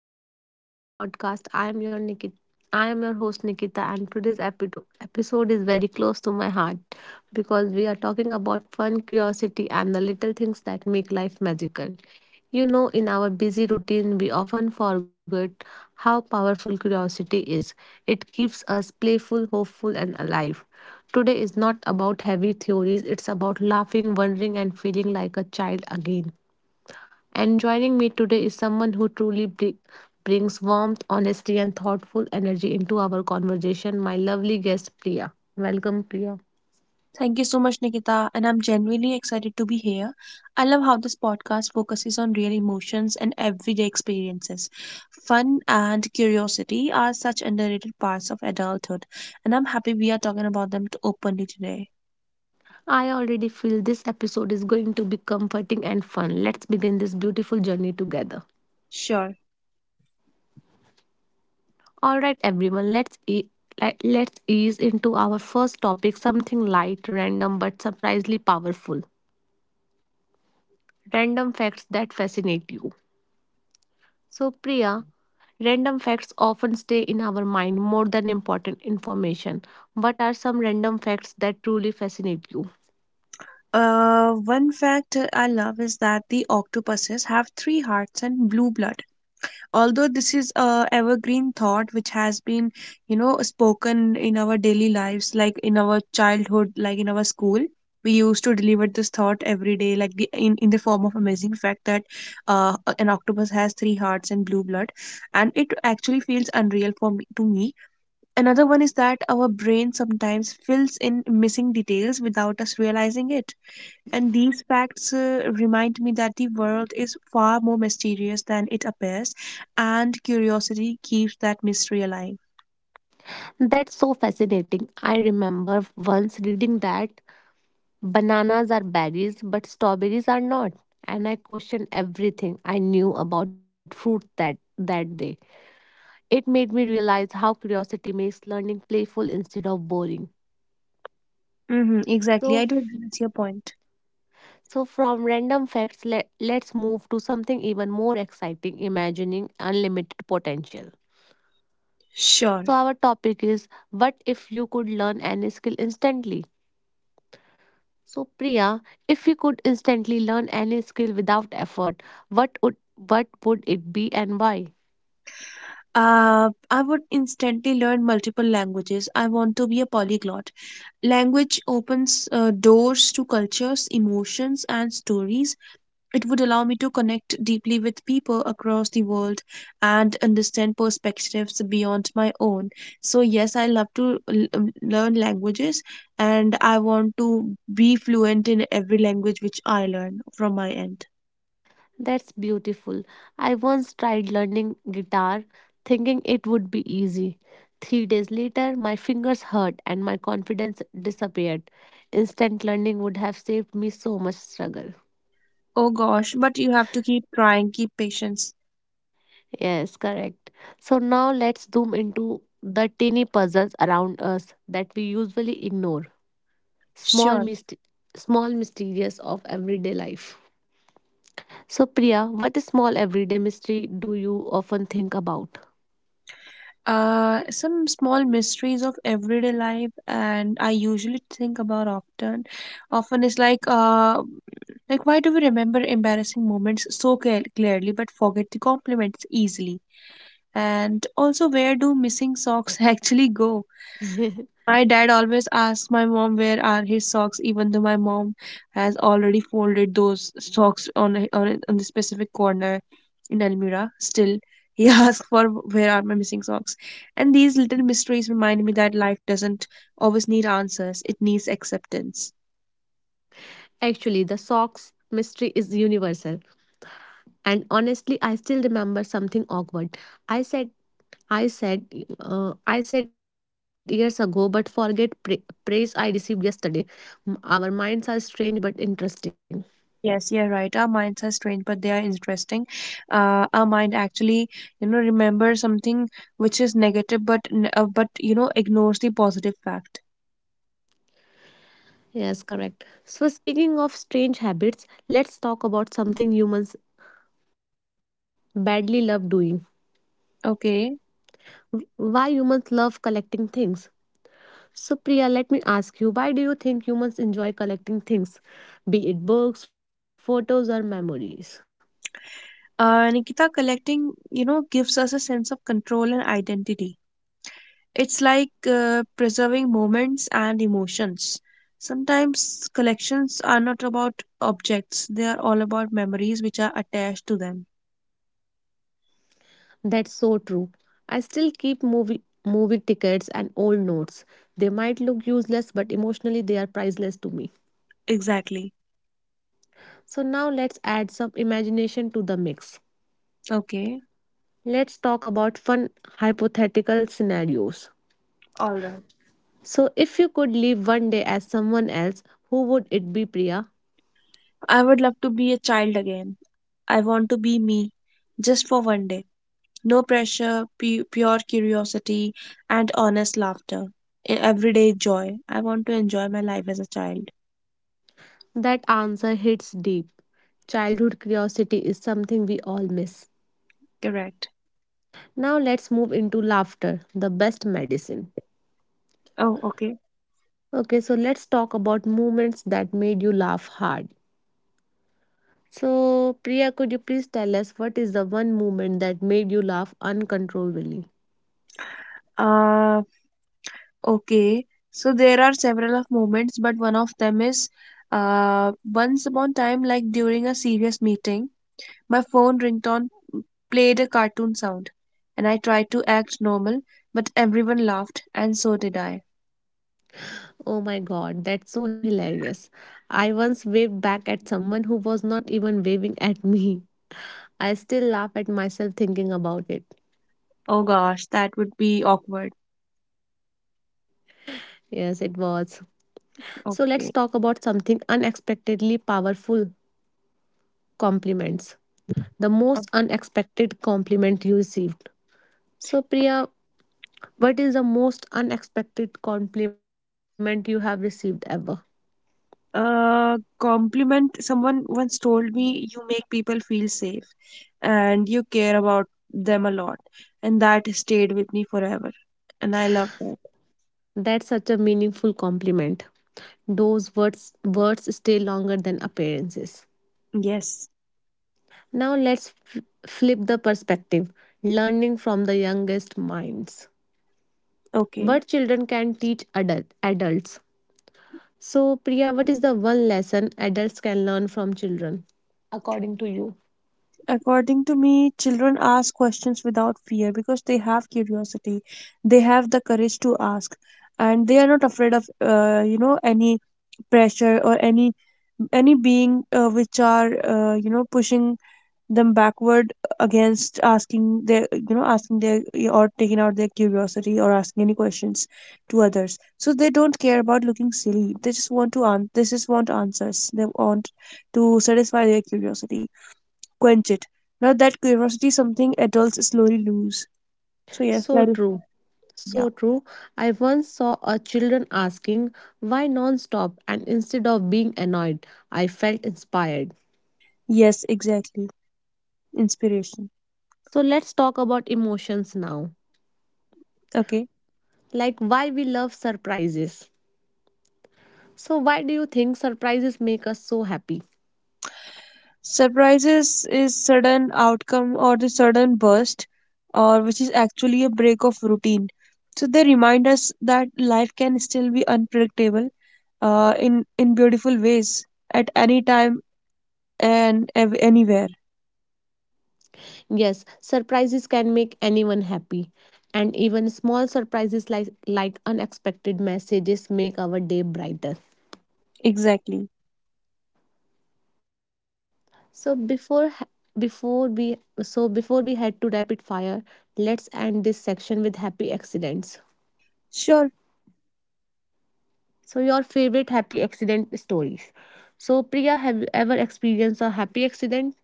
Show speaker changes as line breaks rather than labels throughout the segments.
welcome back to the podcast. I am your host Nikita and today's episode is very close to my heart because we are talking about fun, curiosity and the little things that make life magical. You know, in our busy routine, we often forget how powerful curiosity is. It keeps us playful, hopeful and alive. Today is not about heavy theories, it's about laughing, wondering and feeling like a child again. And joining me today is someone who truly brings warmth, honesty, and thoughtful energy into our conversation, my lovely guest, Priya. Welcome, Priya.
Thank you so much, Nikita. And I'm genuinely excited to be here. I love how this podcast focuses on real emotions and everyday experiences. Fun and curiosity are such underrated parts of adulthood, and I'm happy we are talking about them openly today.
I already feel this episode is going to be comforting and fun. Let's begin this beautiful journey together.
Sure.
All right, everyone, let's ease into our first topic, something light, random, but surprisingly powerful. Random facts that fascinate you. So, Priya, random facts often stay in our mind more than important information. What are some random facts that truly fascinate you?
One fact I love is that the octopuses have three hearts and blue blood, although this is a evergreen thought which has been, you know, spoken in our daily lives, like in our childhood, like in our school we used to deliver this thought every day, like in the form of amazing fact that an octopus has three hearts and blue blood, and it actually feels unreal for me to me Another one is that our brain sometimes fills in missing details without us realizing it, and these facts remind me that the world is far more mysterious than it appears, and curiosity keeps that mystery alive.
That's so fascinating. I remember once reading that bananas are berries, but strawberries are not. And I questioned everything I knew about fruit that day. It made me realize how curiosity makes learning playful instead of boring.
Hmm, exactly.
So,
I do agree with your point.
So, from random facts, let's move to something even more exciting, imagining unlimited potential. So,
Sure.
our topic is, what if you could learn any skill instantly? So, Priya, if you could instantly learn any skill without effort, what would it be and why?
I would instantly learn multiple languages. I want to be a polyglot. Language opens doors to cultures, emotions, and stories. It would allow me to connect deeply with people across the world and understand perspectives beyond my own. So, yes, I love to learn languages, and I want to be fluent in every language which I learn from my end.
That's beautiful. I once tried learning guitar thinking it would be easy. 3 days later, my fingers hurt and my confidence disappeared. Instant learning would have saved me so much struggle.
Oh gosh, but you have to keep trying, keep patience.
Yes, correct. So now let's zoom into the tiny puzzles around us that we usually ignore. Small
Sure.
myst- small mysterious of everyday life. So Priya, what small everyday mystery do you often think about?
Some small mysteries of everyday life, and I usually think about often. Often is like, why do we remember embarrassing moments so clearly but forget the compliments easily? And also, where do missing socks actually go? My dad always asks my mom where are his socks, even though my mom has already folded those socks on the specific corner in Almira. Still, he asks for where are my missing socks. And these little mysteries remind me that life doesn't always need answers; it needs acceptance.
Actually, the socks mystery is universal. And honestly, I still remember something awkward. I said, I said, I said years ago, but forget praise I received yesterday. Our minds are strange but interesting.
Yes, you're right. Our minds are strange, but they are interesting. Our mind actually, you know, remembers something which is negative, but but, you know, ignores the positive fact.
Yes, correct. So, speaking of strange habits, let's talk about something humans badly love doing.
Okay.
Why humans love collecting things. So, Priya, let me ask you, why do you think humans enjoy collecting things, be it books, photos, or memories?
Nikita, collecting, you know, gives us a sense of control and identity. It's like preserving moments and emotions. Sometimes collections are not about objects, they are all about memories which are attached to them.
That's so true. I still keep movie tickets and old notes. They might look useless, but emotionally they are priceless to me.
Exactly.
So now let's add some imagination to the mix.
Okay.
Let's talk about fun hypothetical scenarios.
All right.
So if you could live one day as someone else, who would it be, Priya?
I would love to be a child again. I want to be me, just for one day. No pressure, pure curiosity, and honest laughter. Everyday joy. I want to enjoy my life as a child.
That answer hits deep. Childhood curiosity is something we all miss.
Correct.
Now let's move into laughter, the best medicine.
Oh, okay.
Okay, so let's talk about moments that made you laugh hard. So, Priya, could you please tell us what is the one moment that made you laugh uncontrollably?
Uh, okay. So there are several of moments, but one of them is once upon time, like during a serious meeting, my phone ringtone played a cartoon sound, and I tried to act normal, but everyone laughed, and so did I.
Oh my god, that's so hilarious. I once waved back at someone who was not even waving at me. I still laugh at myself thinking about it.
Oh gosh, that would be awkward.
Yes, it was. So let's talk about
Okay.
something unexpectedly powerful, compliments. The most unexpected compliment you received. So, Priya, what is the most unexpected compliment you have received ever?
Compliment, someone once told me you make people feel safe and you care about them a lot, and that stayed with me forever, and I love that.
That's such a meaningful compliment. Those words stay longer than appearances.
Yes.
Now let's flip the perspective. Learning from the youngest minds.
Okay.
What children can teach adults. So, Priya, what is the one lesson adults can learn from children, according to you?
According to me, children ask questions without fear because they have curiosity, they have the courage to ask, and they are not afraid of you know, any pressure or any being which are, you know, pushing them backward against asking their, you know, asking their, or taking out their curiosity or asking any questions to others. So they don't care about looking silly, they just want to they just want answers, they want to satisfy their curiosity, quench it. Now that curiosity is something adults slowly lose. So yes,
So
that is.
true. So true. I once saw a children asking why non-stop, and instead of being annoyed, I felt inspired.
Yeah, yes, exactly. Inspiration.
So let's talk about emotions now.
Okay.
Like why we love surprises. So why do you think surprises make us so happy?
Surprises is sudden outcome or the sudden burst, or which is actually a break of routine. So they remind us that life can still be unpredictable in beautiful ways at any time and anywhere.
Yes, surprises can make anyone happy. And even small surprises like unexpected messages make our day brighter.
Exactly.
So before ha- before we so before we head to rapid fire, let's end this section with happy accidents.
Sure.
So your favorite happy accident stories. So Priya, have you ever experienced a happy accident?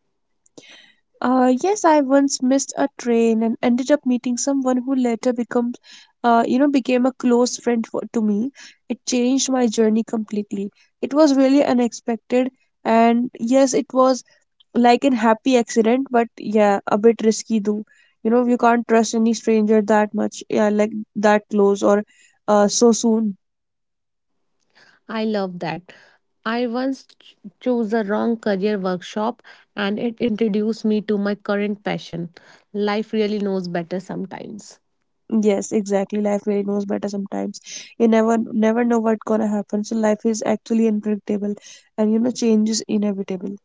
Yes, I once missed a train and ended up meeting someone who later becomes, you know, became a close friend to me. It changed my journey completely. It was really unexpected, and yes, it was like an happy accident, but yeah, a bit risky though. You know, you can't trust any stranger that much, yeah, like that close or so soon.
I love that. I once chose a wrong career workshop and it introduced me to my current passion. Life really knows better sometimes.
Yes, exactly. Life really knows better sometimes. You never know what's gonna happen. So life is actually unpredictable, and you know, change is inevitable.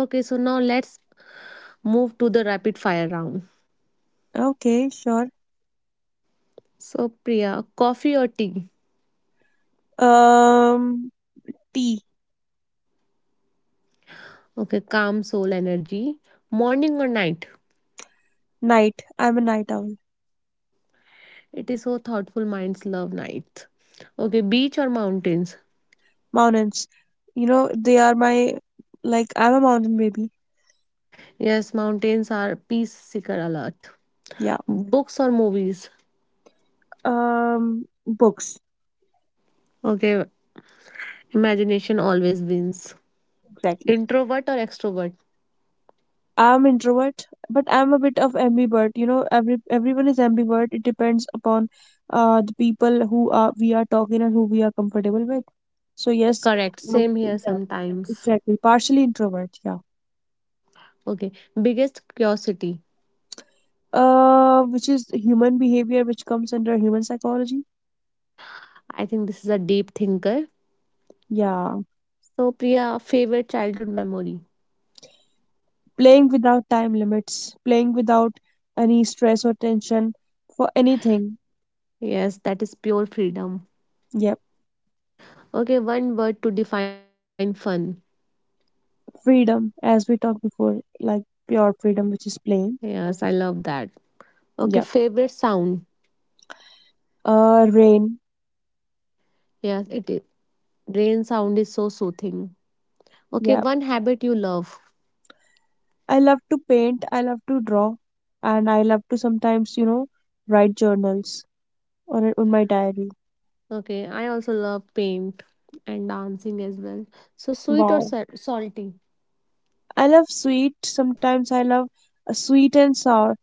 Okay, so now let's move to the rapid fire round.
Okay, sure.
So, Priya, coffee or tea?
Um T.
Okay, calm soul energy. Morning or night?
Night. I'm a night owl.
It is so thoughtful, minds love night. Okay, beach or mountains?
Mountains. You know, they are my, like, I'm a mountain baby.
Yes, mountains are peace seeker alert.
Yeah.
Books or movies?
Books.
Okay, imagination always wins.
Exactly.
Introvert or extrovert?
I'm introvert, but I'm a bit of ambivert. You know, everyone is ambivert. It depends upon the people who are we are talking and who we are comfortable with. So yes,
Correct.
uh,
Same here
yeah,
sometimes.
exactly. Partially introvert, yeah.
Okay. Biggest curiosity.
Which is human behavior, which comes under human psychology.
I think this is a deep thinker.
Yeah,
So, Priya, favorite childhood memory?
playing without time limits, playing without any stress or tension for anything.
Yes, that is pure freedom.
Yeah,
Okay, one word to define fun.
freedom, as we talked before, like pure freedom, which is playing.
Yes, I love that. Okay,
Yeah.
favorite sound.
Rain.
Yes, it is. Rain sound is so soothing. Okay,
Yeah,
one habit you love.
I love to paint, I love to draw, and I love to sometimes, you know, write journals on my diary.
Okay, I also love paint and dancing as well. So, sweet or
Wow.
sa- salty?
I love sweet, sometimes I love sweet and sour.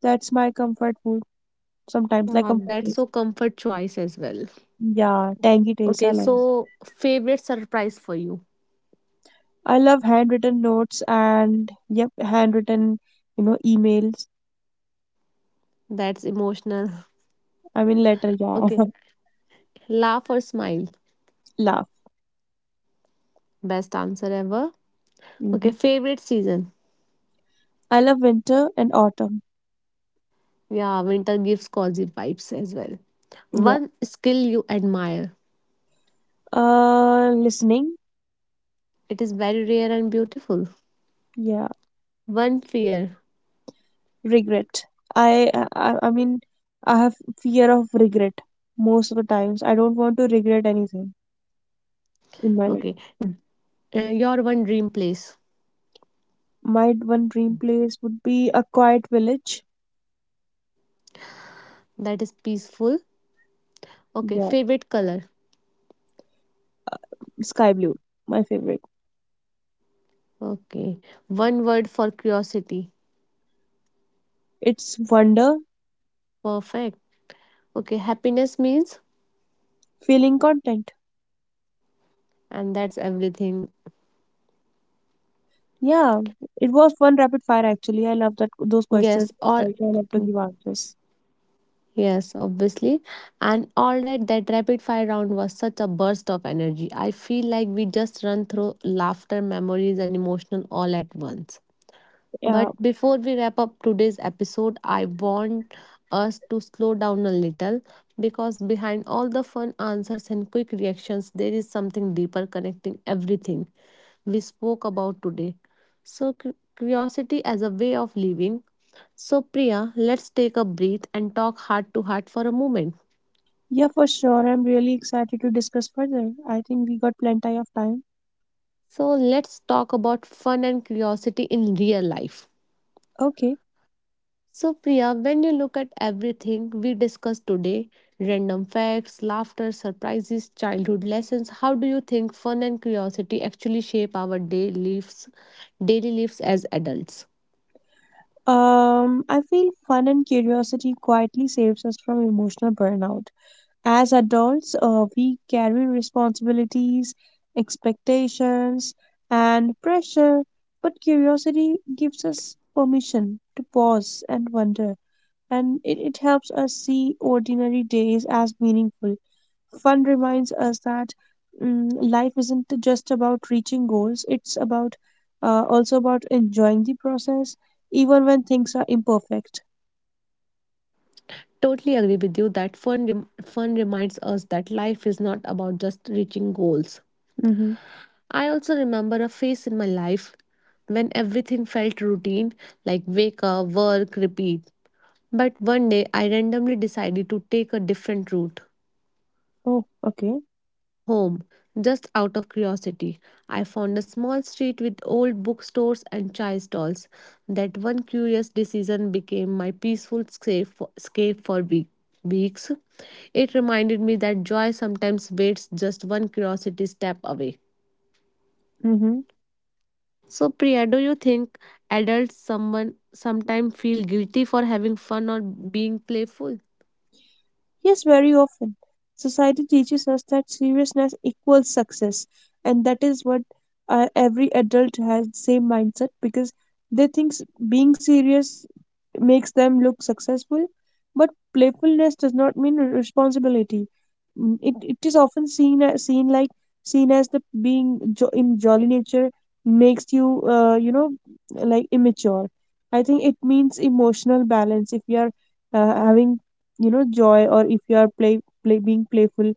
That's my comfort food. Sometimes like
Yeah,
comfort
that's
taste.
so comfort choice as well.
Yeah, tangy taste I
Okay,
love it.
so favorite surprise for you.
I love handwritten notes and yep, handwritten, you know, emails.
That's emotional.
I mean letter, yeah.
Okay, laugh or smile?
Laugh.
Best answer ever. Okay,
Hmm.
favorite season?
I love winter and autumn.
Yeah, winter gives cozy vibes as well.
Yeah.
One skill you admire?
Listening.
It is very rare and beautiful.
Yeah.
One fear?
Regret. I mean, I have fear of regret, most of the times I don't want to regret anything in my
Okay,
life.
your one dream place?
My one dream place would be a quiet village.
That is peaceful. Okay,
Yeah,
favorite color?
sky blue, my favorite.
Okay, one word for curiosity.
It's wonder.
Perfect. Okay, happiness means,
Feeling content.
and that's everything.
Yeah, it was one rapid fire, actually I love that those questions.
Yes, all
Also I love to give answers.
yes, obviously. And all right, that rapid fire round was such a burst of energy. I feel like we just run through laughter, memories, and emotion all at once.
Yeah.
But before we wrap up today's episode, I want us to slow down a little because behind all the fun answers and quick reactions, there is something deeper connecting everything we spoke about today. So, curiosity as a way of living. So, Priya, let's take a breath and talk heart to heart for a moment.
Yeah, for sure, I'm really excited to discuss further. I think we got plenty of time.
So, let's talk about fun and curiosity in real life.
Okay.
So, Priya, when you look at everything we discussed today, random facts, laughter, surprises, childhood lessons, how do you think fun and curiosity actually shape our daily lives as adults?
I feel fun and curiosity quietly saves us from emotional burnout. As adults, we carry responsibilities, expectations, and pressure, but curiosity gives us permission to pause and wonder, and it helps us see ordinary days as meaningful. Fun reminds us that, mm, life isn't just about reaching goals, it's about also about enjoying the process, even when things are imperfect.
Totally agree with you that fun reminds us that life is not about just reaching goals.
Mm-hmm.
I also remember a phase in my life when everything felt routine, like wake up, work, repeat. But one day I randomly decided to take a different route
Oh, okay.
home, just out of curiosity. I found a small street with old bookstores and chai stalls. That one curious decision became my peaceful escape for weeks. It reminded me that joy sometimes waits just one curiosity step away.
Mm-hmm.
So, Priya, do you think adults someone sometimes feel guilty for having fun or being playful?
Yes, very often. Society teaches us that seriousness equals success, and that is what, every adult has the same mindset because they think being serious makes them look successful. But playfulness does not mean responsibility. Mm, it is often seen as the being in jolly nature makes you, you know, like immature. I think it means emotional balance. If you are having, you know, joy, or if you are play play being playful,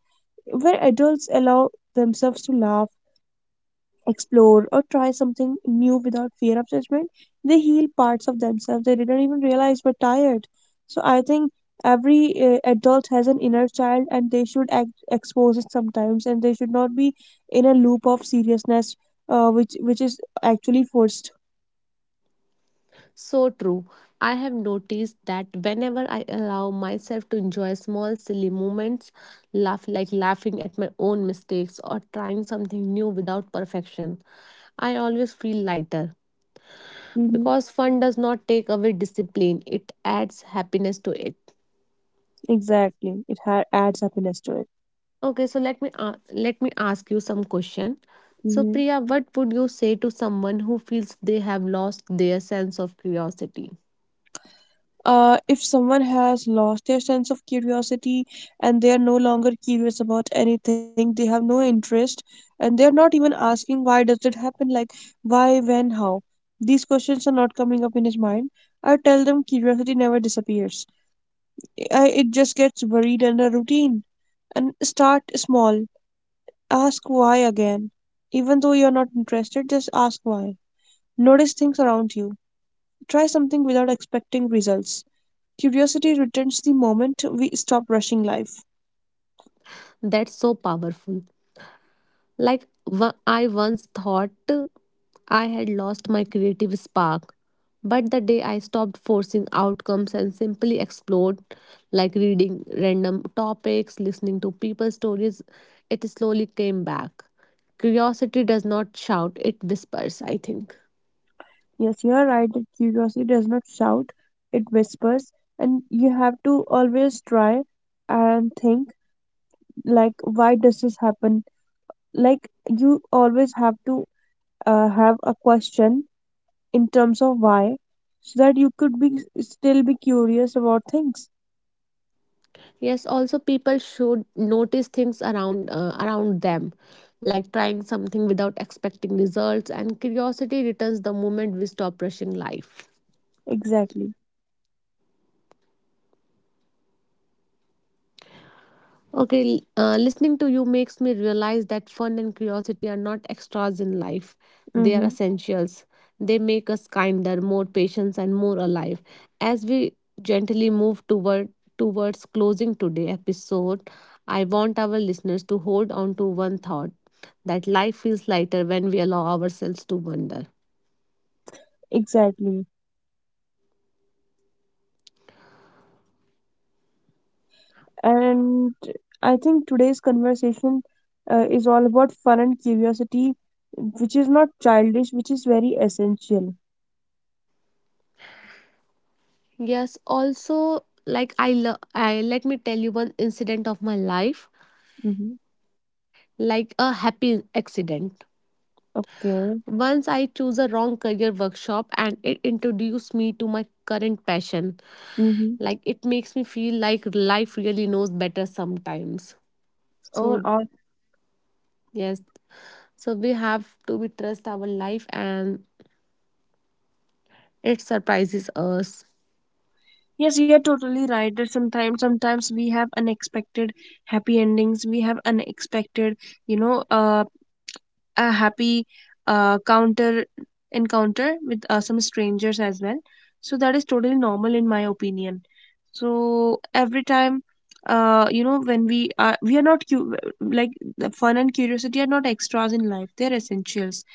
where adults allow themselves to laugh, explore, or try something new without fear of judgment, they heal parts of themselves they didn't even realize were tired. So I think every adult has an inner child and they should act, expose it sometimes, and they should not be in a loop of seriousness, which is actually forced.
So true. I have noticed that whenever I allow myself to enjoy small silly moments, laugh like laughing at my own mistakes or trying something new without perfection, I always feel lighter.
Hmm.
Because fun does not take away discipline, it adds happiness to it.
Exactly. It adds happiness to it.
Okay, so let me ask you some question. So
Hmm.
Priya, what would you say to someone who feels they have lost their sense of curiosity?
If someone has lost their sense of curiosity and they are no longer curious about anything, they have no interest, and they are not even asking why does it happen, like why, when, how. These questions are not coming up in his mind. I tell them curiosity never disappears. It just gets buried under routine. And start small. Ask why again. Even though you're not interested, just ask why. Notice things around you. Try something without expecting results. Curiosity returns the moment we stop rushing life.
That's so powerful. Like I once thought I had lost my creative spark, but the day I stopped forcing outcomes and simply explored, like reading random topics, listening to people's stories, it slowly came back. Curiosity does not shout, it whispers, I think.
Yes, you are right that curiosity does not shout, it whispers, and you have to always try and think, like why does this happen? Like you always have to have a question in terms of why, so that you could be still be curious about things.
Yes, also people should notice things around around them, like trying something without expecting results, and curiosity returns the moment we stop rushing life.
Exactly.
Okay, listening to you makes me realize that fun and curiosity are not extras in life. They are
Mm-hmm.
essentials. They make us kinder, more patient, and more alive. As we gently move towards closing today episode, I want our listeners to hold on to one thought, that life feels lighter when we allow ourselves to wonder.
Exactly. And I think today's conversation is all about fun and curiosity, which is not childish, which is very essential.
Yes, also like I let me tell you one incident of my life,
Hmm.
like a happy accident.
Okay.
Once I chose a wrong career workshop and it introduced me to my current passion.
Mm-hmm.
Like it makes me feel like life really knows better sometimes.
Oh,
So
all.
yes, so we have to be trust our life and it surprises us.
Yes, you're totally right that sometimes we have unexpected happy endings. We have unexpected, you know, uh a happy, counter encounter with some strangers as well. So that is totally normal in my opinion. So every time, when we are not cu-, like the fun and curiosity are not extras in life, they're essentials.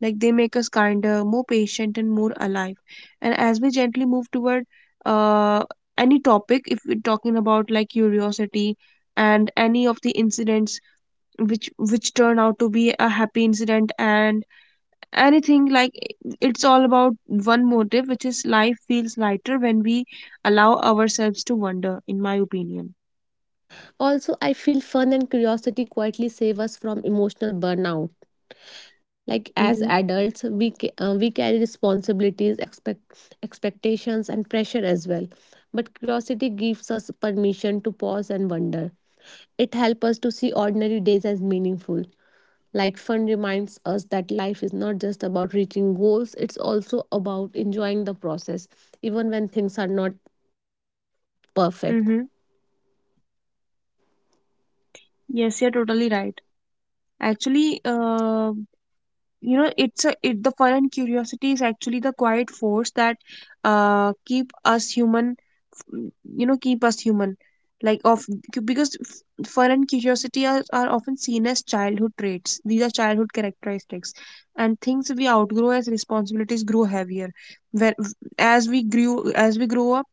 Like they make us kinder, more patient, and more alive. And as we gently move toward uh, any topic, if we're talking about, like, curiosity and any of the incidents which turn out to be a happy incident and anything, like, it's all about one motive, which is life feels lighter when we allow ourselves to wander, in my opinion.
Also, I feel fun and curiosity quietly save us from emotional burnout. Like as
Mm-hmm.
adults we we carry responsibilities, expectations and pressure as well. But curiosity gives us permission to pause and wonder. It helps us to see ordinary days as meaningful. Like fun reminds us that life is not just about reaching goals, it's also about enjoying the process even when things are not perfect.
Mm-hmm. Yes, you're totally right. Actually, it's a it the fun and curiosity is actually the quiet force that keep us human, you know, keep us human, like, of, because fun and curiosity are often seen as childhood traits, these are childhood characteristics and things we outgrow as responsibilities grow heavier, where as we grow up,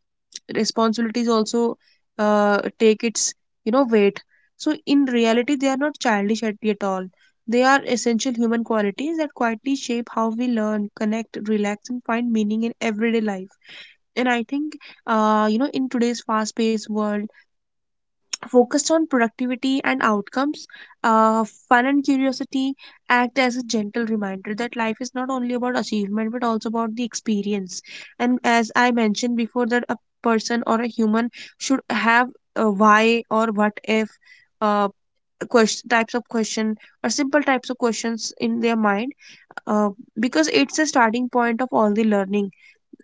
responsibilities also take its, weight. So in reality, they are not childish at all. They are essential human qualities that quietly shape how we learn, connect, relax, and find meaning in everyday life. And I think, in today's fast paced world focused on productivity and outcomes, fun and curiosity act as a gentle reminder that life is not only about achievement but also about the experience. And as I mentioned before, that a person or a human should have a why or what if uh, question, types of question, or simple types of questions in their mind, uh, because it's a starting point of all the learning.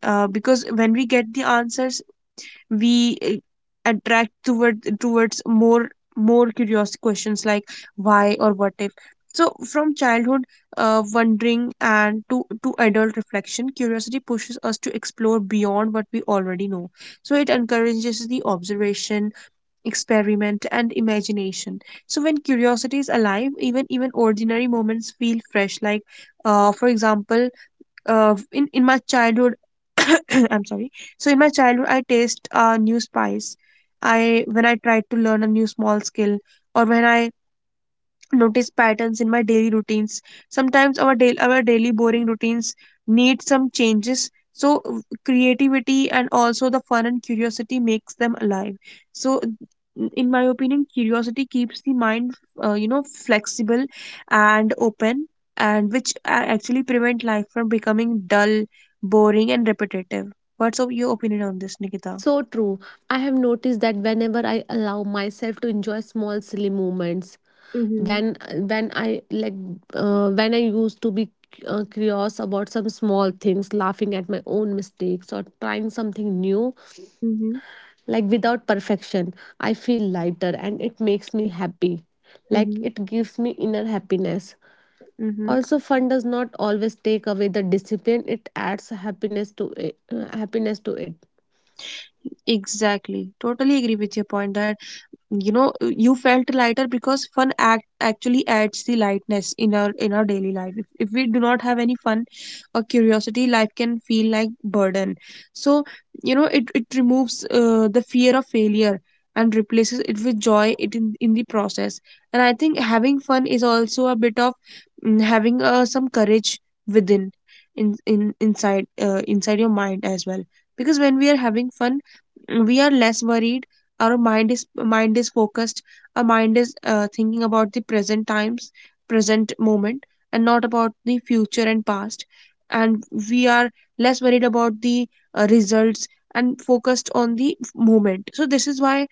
Because when we get the answers, we attract towards more curious questions like why or what if. So from childhood, wondering, and to adult reflection, curiosity pushes us to explore beyond what we already know. So it encourages the observation, experiment, and imagination. So when curiosity is alive, even ordinary moments feel fresh, like, for example, in my childhood I'm sorry. So in my childhood I taste new spice, I when I tried to learn a new small skill, or when I notice patterns in my daily routines. Sometimes our daily boring routines need some changes. So creativity and also the fun and curiosity makes them alive. So in my opinion, curiosity keeps the mind, flexible and open, and which actually prevent life from becoming dull, boring, and repetitive. What's of your opinion on this, Nikita?
So true. I have noticed that whenever I allow myself to enjoy small silly moments,
Mm-hmm.
when when I like when I used to be curious about some small things, laughing at my own mistakes or trying something new,
Mm-hmm.
like without perfection, I feel lighter and it makes me happy. Like
Mm-hmm.
it gives me inner happiness.
Mm-hmm.
Also, fun does not always take away the discipline. It adds happiness to it, happiness to it.
Exactly. Totally agree with your point that, you felt lighter because fun actually adds the lightness in our daily life. If we do not have any fun or curiosity, life can feel like burden. So, it removes the fear of failure and replaces it with joy, in the process. And I think having fun is also a bit of, having some courage within, in inside inside your mind as well. Because when we are having fun, we are less worried. Our mind is focused. Our mind is thinking about the present times, present moment, and not about the future and past. And we are less worried about the results and focused on the moment. So this is why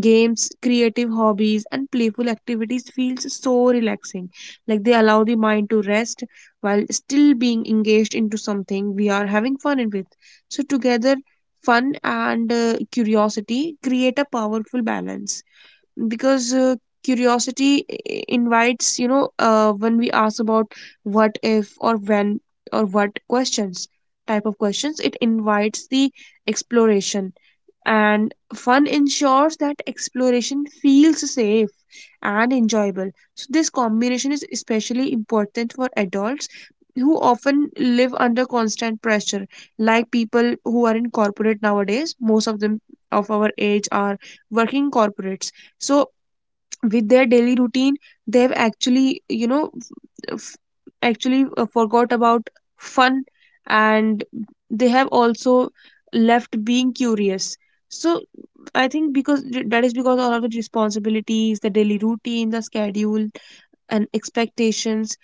games, creative hobbies, and playful activities feels so relaxing. Like they allow the mind to rest while still being engaged into something we are having fun in with. So together, fun and curiosity create a powerful balance. Because curiosity invites, when we ask about what if, or when, or what questions, type of questions, it invites the exploration. And fun ensures that exploration feels safe and enjoyable. So this combination is especially important for adults who often live under constant pressure, like people who are in corporate nowadays. Most of them of our age are working corporates. So, with their daily routine, they've actually, f- actually forgot about fun. And they have also left being curious. So I think, because, that is because all of the responsibilities, the daily routine, the schedule, and expectations,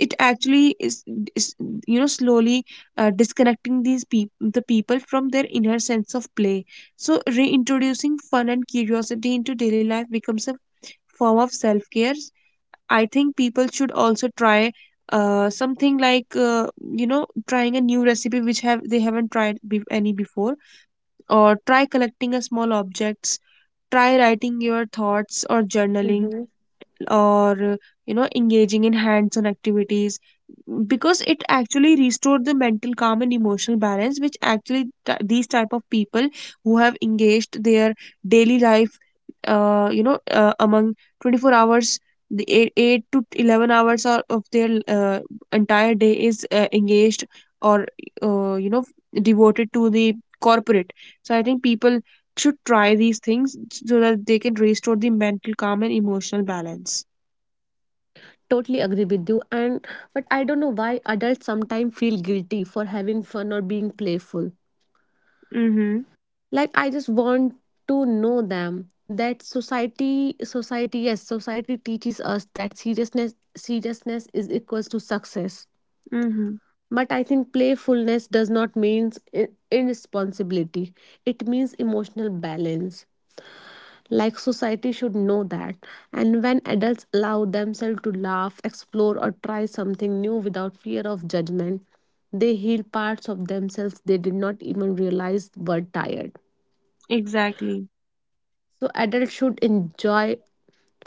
it actually is, slowly disconnecting these people, the people, from their inner sense of play. So reintroducing fun and curiosity into daily life becomes a form of self care. I think people should also try something like, you know trying a new recipe which have they haven't tried any before, or try collecting a small objects, try writing your thoughts or journaling,
Mm-hmm.
or, engaging in hands-on activities. Because it actually restored the mental calm and emotional balance, which actually these type of people who have engaged their daily life, among 24 hours, the 8 to 11 hours or of their entire day is engaged, or, uh, you know devoted to the corporate. So I think people should try these things so that they can restore the mental calm and emotional balance.
Totally agree with you, and but I don't know why adults sometimes feel guilty for having fun or being playful.
Mm-hmm.
Like I just want to know them that society teaches us that seriousness is equals to success.
Mm-hmm.
But I think playfulness does not mean irresponsibility. It means emotional balance. Like society should know that. And when adults allow themselves to laugh, explore, or try something new without fear of judgment, they heal parts of themselves they did not even realize were tired.
Exactly.
So adults should enjoy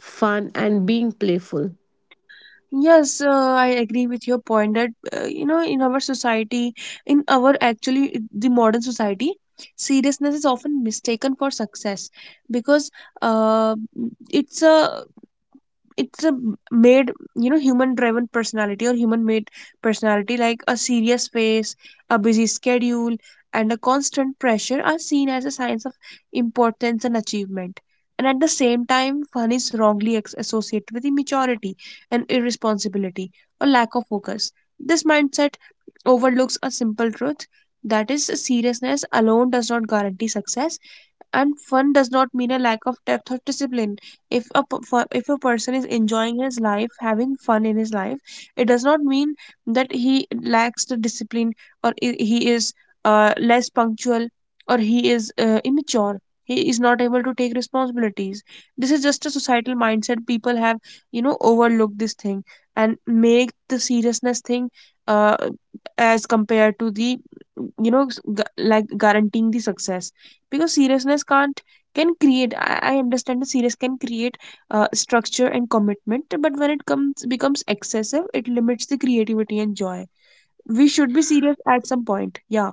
fun and being playful.
Yes, I agree with your point that, in our society, in our, actually, the modern society, seriousness is often mistaken for success, because, uh, it's a it's a made, human driven personality, or human made personality, like a serious face, a busy schedule, and a constant pressure are seen as a signs of importance and achievement. And at the same time, fun is wrongly associated with immaturity and irresponsibility, or lack of focus. This mindset overlooks a simple truth, that is, seriousness alone does not guarantee success, and fun does not mean a lack of depth or discipline. If a person is enjoying his life, having fun in his life, it does not mean that he lacks the discipline, or he is less punctual, or he is immature, he is not able to take responsibilities. This is just a societal mindset people have, overlooked this thing and make the seriousness thing, uh, as compared to the, like, guaranteeing the success. Because seriousness can't, can create, I understand that serious can create structure and commitment, but when it comes becomes excessive, it limits the creativity and joy. We should be serious at some point. Yeah.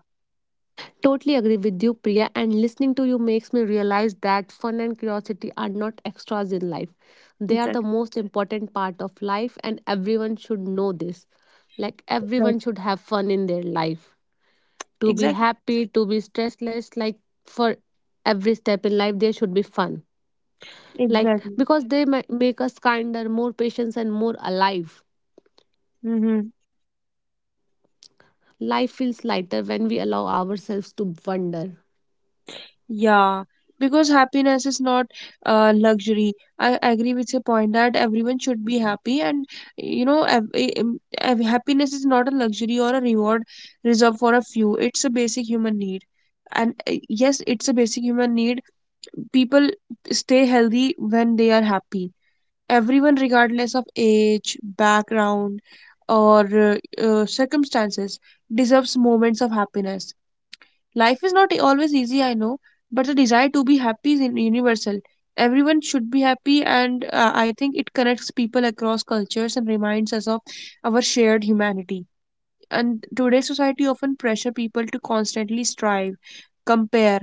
Totally agree with you, Priya, and listening to you makes me realize that fun and curiosity are not extras in life. They are the
Exactly.
most important part of life, and everyone should know this. Like,
Right.
everyone should have fun in their life, to be
Exactly.
happy, to be stressless. Like for every step in life, there should be fun. Like
Exactly.
because they make us kinder, more patient, and more alive.
Mm-hmm.
Life feels lighter when we allow ourselves to wonder.
Yeah, because happiness is not luxury. I agree with your point that everyone should be happy, and, happiness is not a luxury or a reward reserved for a few. It's a basic human need. And, yes, it's a basic human need. People stay healthy when they are happy. Everyone, regardless of age, background, or circumstances, deserves moments of happiness. Life is not always easy, I know, but the desire to be happy is universal. Everyone should be happy, and, I think it connects people across cultures and reminds us of our shared humanity. And today's society often pressure people to constantly strive, compare,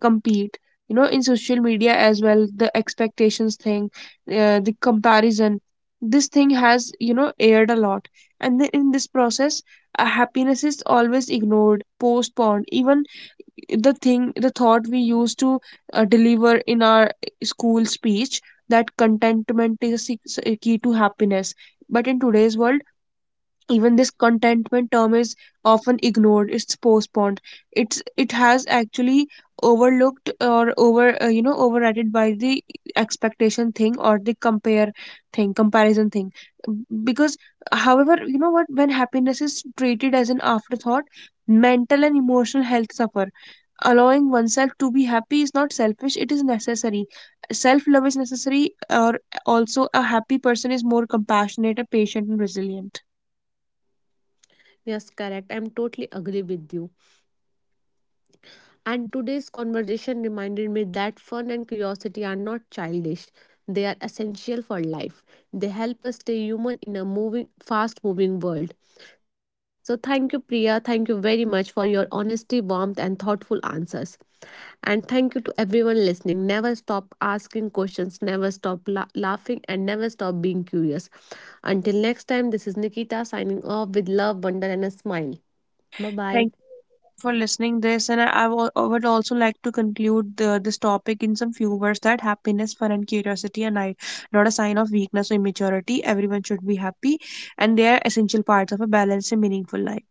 compete. You know, in social media as well, the expectations thing, the comparison, this thing has, you know, aired a lot. And then in this process, happiness is always ignored, postponed, even, the thought we used to deliver in our, school speech, that contentment is a key to happiness. But in today's world, even this contentment term is often ignored, it's postponed, it has actually overlooked, or over, overridden by the expectation thing, or the compare thing comparison thing. Because, however, you know what when happiness is treated as an afterthought, mental and emotional health suffer. Allowing oneself to be happy is not selfish, it is necessary. Self love is necessary, or also, a happy person is more compassionate, patient, and resilient.
Yes, correct. I'm totally agree with you. And today's conversation reminded me that fun and curiosity are not childish. They are essential for life. They help us stay human in a moving fast moving world. So thank you Priya, thank you very much for your honesty, warmth and thoughtful answers. And thank you to everyone listening. Never stop asking questions, never stop laughing, and never stop being curious. Until next time, this is Nikita signing off with love, wonder, and a smile. Bye bye.
Thank you for listening this, and I would also like to conclude this topic in some few words, that happiness, fun, and curiosity are not a sign of weakness or immaturity. Everyone should be happy, and they are essential parts of a balanced and meaningful life.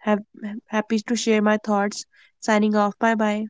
Have happy to share my thoughts. Signing off. Bye bye.